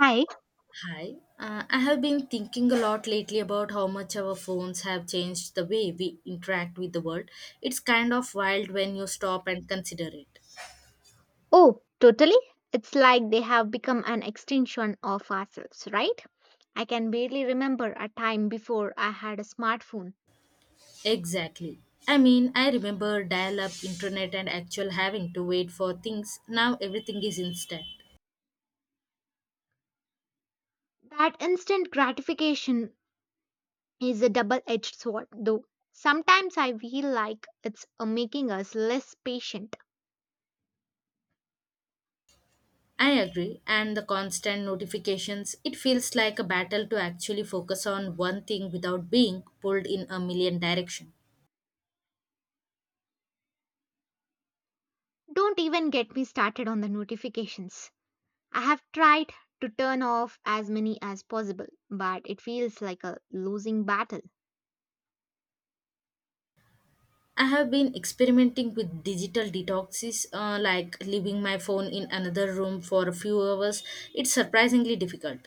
Hi. I have been thinking a lot lately about how much our phones have changed the way we interact with the world. It's kind of wild when you stop and consider it. Oh, totally. It's like they have become an extension of ourselves, right? I can barely remember a time before I had a smartphone. Exactly. I mean, I remember dial up internet and actual having to wait for things. Now everything is instant. That instant gratification is a double edged sword, though. Sometimes I feel like it's making us less patient. I agree, and the constant notifications, it feels like a battle to actually focus on one thing without being pulled in a million directions. Don't even get me started on the notifications. I have tried to turn off as many as possible, but it feels like a losing battle. I have been experimenting with digital detoxes, like leaving my phone in another room for a few hours. It's surprisingly difficult.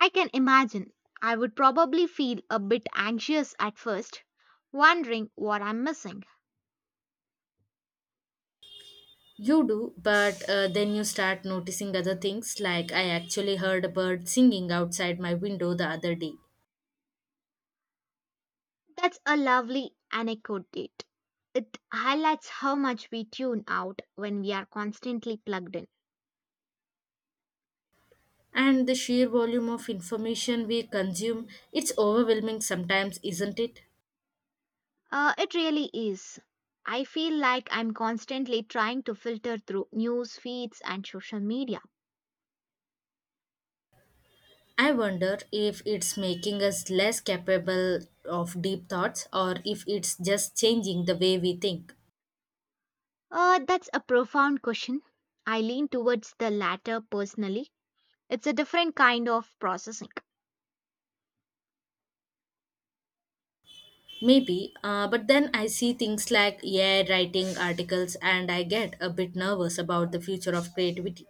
I can imagine I would probably feel a bit anxious at first, wondering what I'm missing. You do, but then you start noticing other things, like I actually heard a bird singing outside my window the other day. That's a lovely anecdote. It highlights how much we tune out when we are constantly plugged in. And the sheer volume of information we consume, it's overwhelming sometimes, isn't it? It really is. I feel like I'm constantly trying to filter through news feeds and social media. I wonder if it's making us less capable of deep thoughts or if it's just changing the way we think. That's a profound question. I lean towards the latter personally. It's a different kind of processing. Maybe, but then I see things like AI writing articles and I get a bit nervous about the future of creativity.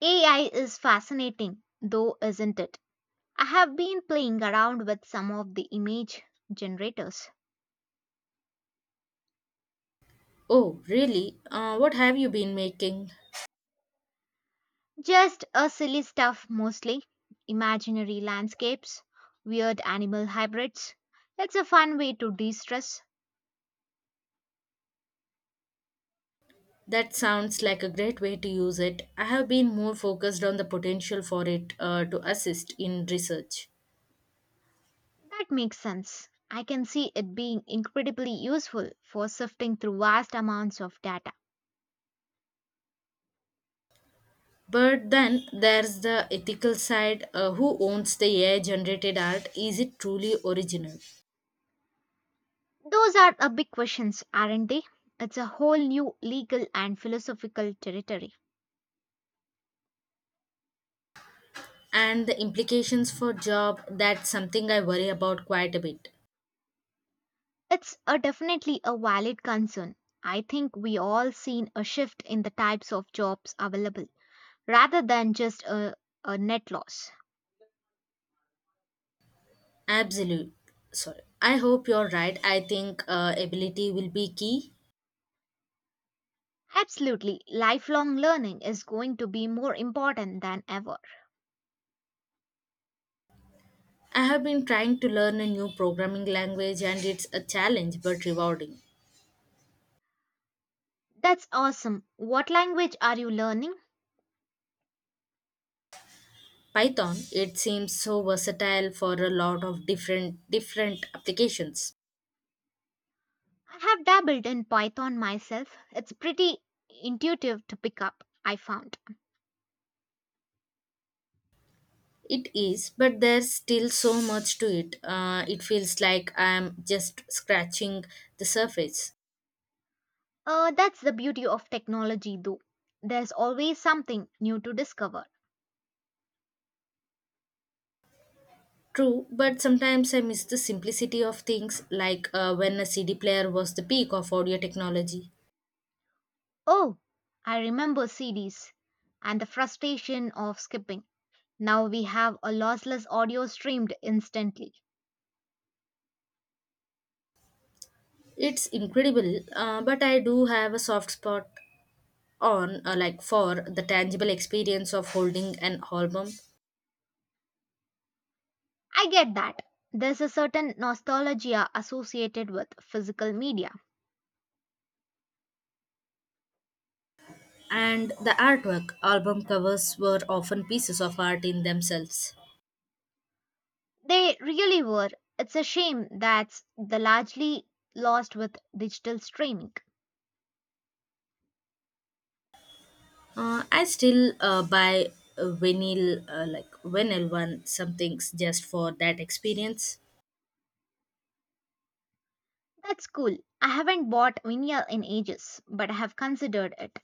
AI is fascinating, though, isn't it? I have been playing around with some of the image generators. Oh, really? What have you been making? Just a silly stuff mostly. Imaginary landscapes, weird animal hybrids. It's a fun way to de stress. That sounds like a great way to use it. I have been more focused on the potential for it to assist in research. That makes sense. I can see it being incredibly useful for sifting through vast amounts of data. But then there's the ethical side who owns the AI generated art? Is it truly original? Those are a big questions, aren't they? It's a whole new legal and philosophical territory. And the implications for job, that's something I worry about quite a bit. It's a definitely a valid concern. I think we all seen a shift in the types of jobs available rather than just a net loss. Absolute. Sorry. I hope you're right. I think ability will be key. Absolutely, lifelong learning is going to be more important than ever. I have been trying to learn a new programming language and it's a challenge but rewarding. That's awesome. What language are you learning? Python, it seems so versatile for a lot of different applications. I have dabbled in Python myself. It's pretty intuitive to pick up, I found. It is, but there's still so much to it. It feels like I'm just scratching the surface. That's the beauty of technology, though. There's always something new to discover. True, but sometimes I miss the simplicity of things, like when a CD player was the peak of audio technology. Oh, I remember CDs and the frustration of skipping. Now we have a lossless audio streamed instantly. It's incredible, but I do have a soft spot on, for the tangible experience of holding an album I get that. There's a certain nostalgia associated with physical media. and the artwork. Album covers were often pieces of art in themselves. They really were. It's a shame that's the largely lost with digital streaming. I still buy a vinyl, vinyl one some things just for that experience. That's cool. I haven't bought vinyl in ages, but I have considered it.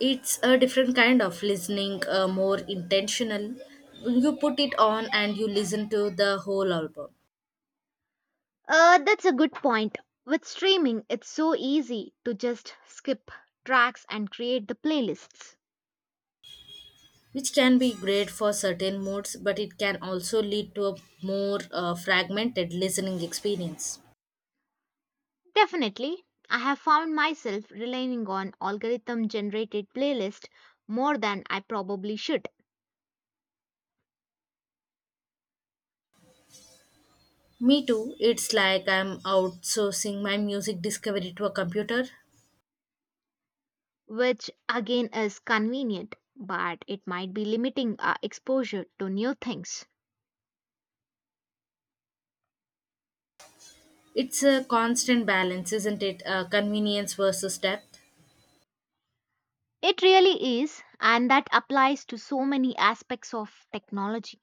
It's a different kind of listening, more intentional. You put it on and you listen to the whole album. That's a good point. With streaming, it's so easy to just skip tracks and create the playlists. Which can be great for certain moods, but it can also lead to a more fragmented listening experience. Definitely, I have found myself relying on algorithm generated playlist more than I probably should, Me too, it's like I'm outsourcing my music discovery to a computer. which again is convenient, but it might be limiting our exposure to new things. It's a constant balance, isn't it? Convenience versus depth. It really is, and that applies to so many aspects of technology.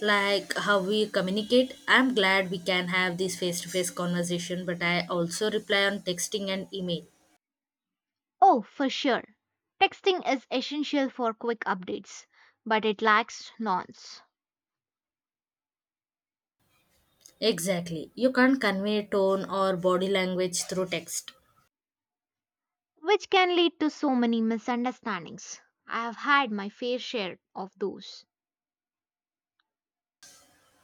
Like how we communicate. I'm glad we can have this face to face conversation, but I also reply on texting and email. Oh, for sure. Texting is essential for quick updates, but it lacks nuance, Exactly. You can't convey tone or body language through text. which can lead to so many misunderstandings. I have had my fair share of those.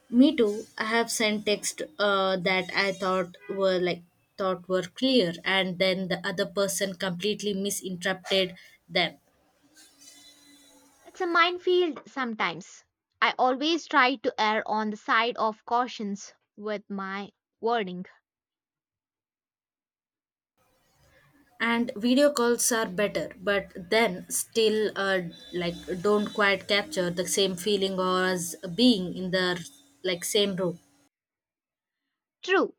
Me too. I have sent text that I thought were clear, and then the other person completely misinterpreted them. It's a minefield sometimes. I always try to err on the side of cautions with my wording. And video calls are better, but then still like don't quite capture the same feeling or as being in the same room. True,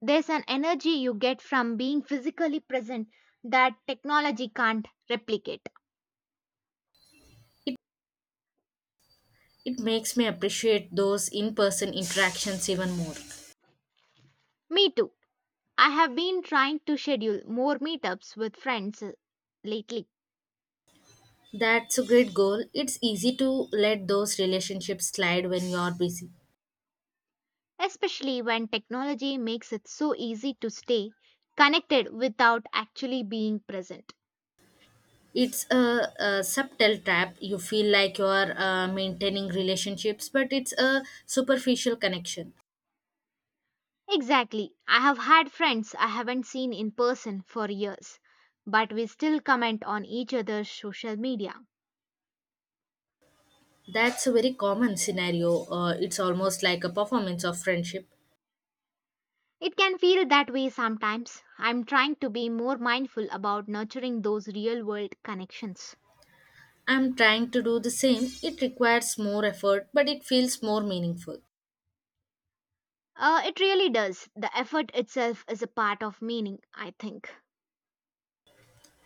there's an energy you get from being physically present that technology can't replicate. It it makes me appreciate those in-person interactions even more. Me too. I have been trying to schedule more meetups with friends lately, That's a great goal. It's easy to let those relationships slide when you're busy. especially when technology makes it so easy to stay connected without actually being present. It's a subtle trap, you feel like you're maintaining relationships but it's a superficial connection. Exactly. I have had friends I haven't seen in person for years, but we still comment on each other's social media. That's a very common scenario, it's almost like a performance of friendship. It can feel that way sometimes. I'm trying to be more mindful about nurturing those real world connections. I'm trying to do the same. It requires more effort but it feels more meaningful. It really does. The effort itself is a part of meaning, I think.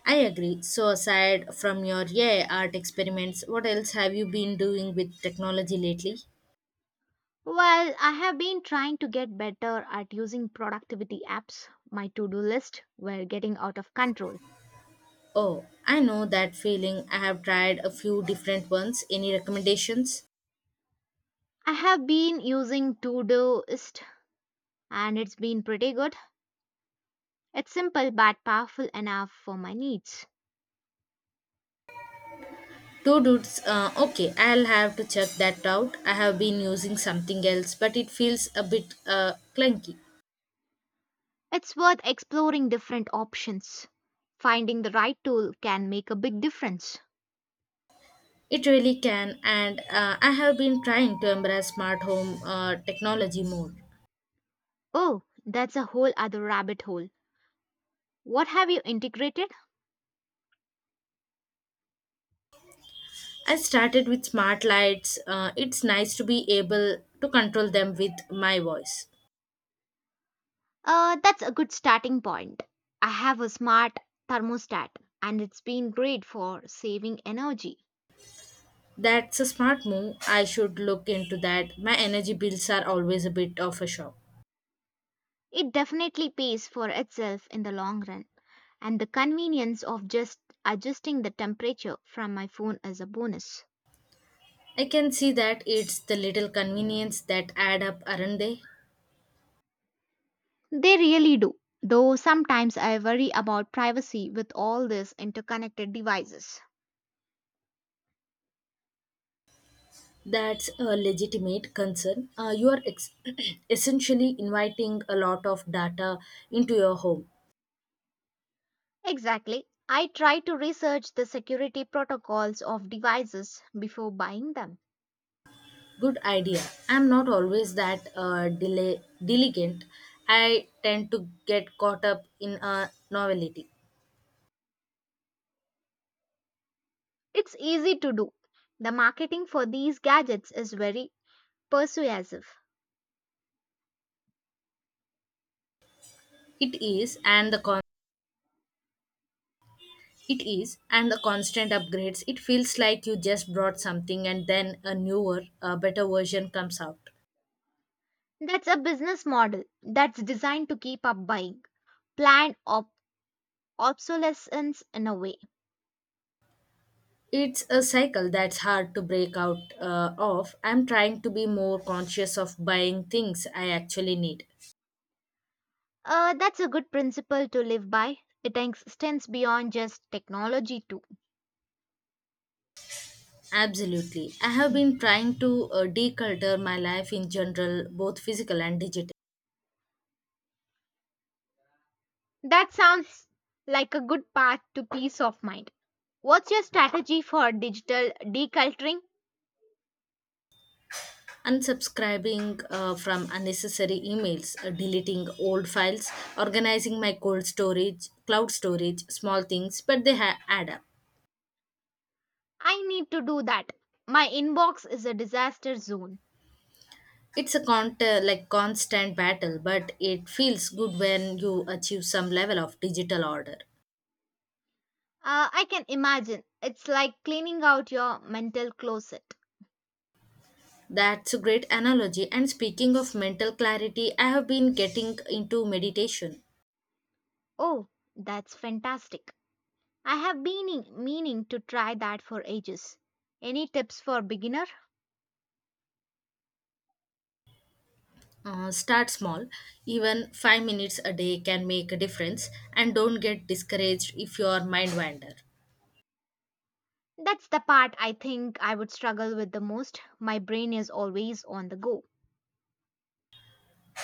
I agree. So aside from your art experiments, what else have you been doing with technology lately? Well, I have been trying to get better at using productivity apps. My to do list were getting out of control. Oh, I know that feeling. I have tried a few different ones, any recommendations? I have been using Todoist and it's been pretty good. It's simple but powerful enough for my needs. Two dudes. Okay, I'll have to check that out. I have been using something else, but it feels a bit clunky. It's worth exploring different options. Finding the right tool can make a big difference. It really can, and I have been trying to embrace smart home technology more. Oh, that's a whole other rabbit hole. What have you integrated? I started with smart lights. It's nice to be able to control them with my voice. That's a good starting point. I have a smart thermostat and it's been great for saving energy. That's a smart move. I should look into that. My energy bills are always a bit of a shock. It definitely pays for itself in the long run, and the convenience of just adjusting the temperature from my phone is a bonus. I can see that, it's the little convenience that add up, aren't they? They really do, though sometimes I worry about privacy with all these interconnected devices. That's a legitimate concern. You essentially inviting a lot of data into your home. Exactly. I try to research the security protocols of devices before buying them. Good idea. I'm not always that diligent. I tend to get caught up in a novelty. It's easy to do. The marketing for these gadgets is very persuasive. It is, and the con- it is, and the constant upgrades. It feels like you just brought something and then a newer, better version comes out. That's a business model that's designed to keep up buying, planned ob- obsolescence in a way. It's a cycle that's hard to break out of. I'm trying to be more conscious of buying things I actually need. That's a good principle to live by. It extends beyond just technology, too. Absolutely. I have Mm. been trying to declutter my life in general, both physical and digital. That sounds like a good path to peace of mind. What's your strategy for digital deculturing? Unsubscribing from unnecessary emails, deleting old files, organizing my cloud storage, small things, but add up. I need to do that. My inbox is a disaster zone. It's a constant battle, but it feels good when you achieve some level of digital order. I can imagine. It's like cleaning out your mental closet. That's a great analogy. And speaking of mental clarity, I have been getting into meditation. Oh, that's fantastic. I have been meaning to try that for ages. Any tips for beginner? Start small, even 5 minutes a day can make a difference, and don't get discouraged if your mind wander. That's the part I think I would struggle with the most. My brain is always on the go.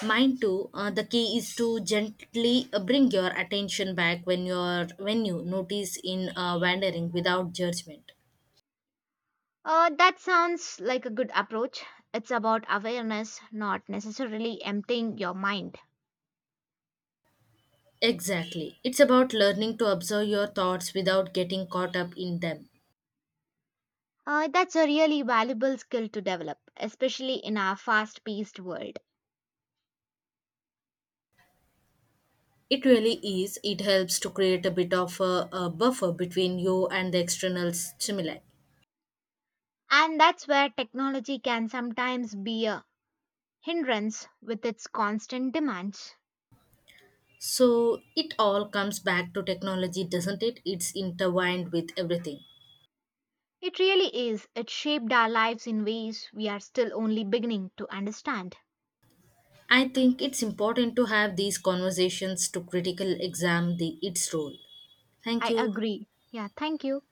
Mind too. The key is to gently bring your attention back when you notice in wandering without judgment. That sounds like a good approach. It's about awareness, not necessarily emptying your mind. Exactly. It's about learning to observe your thoughts without getting caught up in them. That's a really valuable skill to develop, especially in our fast paced world. It really is. It helps to create a bit of a buffer between you and the external stimuli. And that's where technology can sometimes be a hindrance with its constant demands. So it all comes back to technology, doesn't it? It's intertwined with everything. It really is. It shaped our lives in ways we are still only beginning to understand. I think it's important to have these conversations to critically examine its role. Thank I you. agree. Yeah, thank you.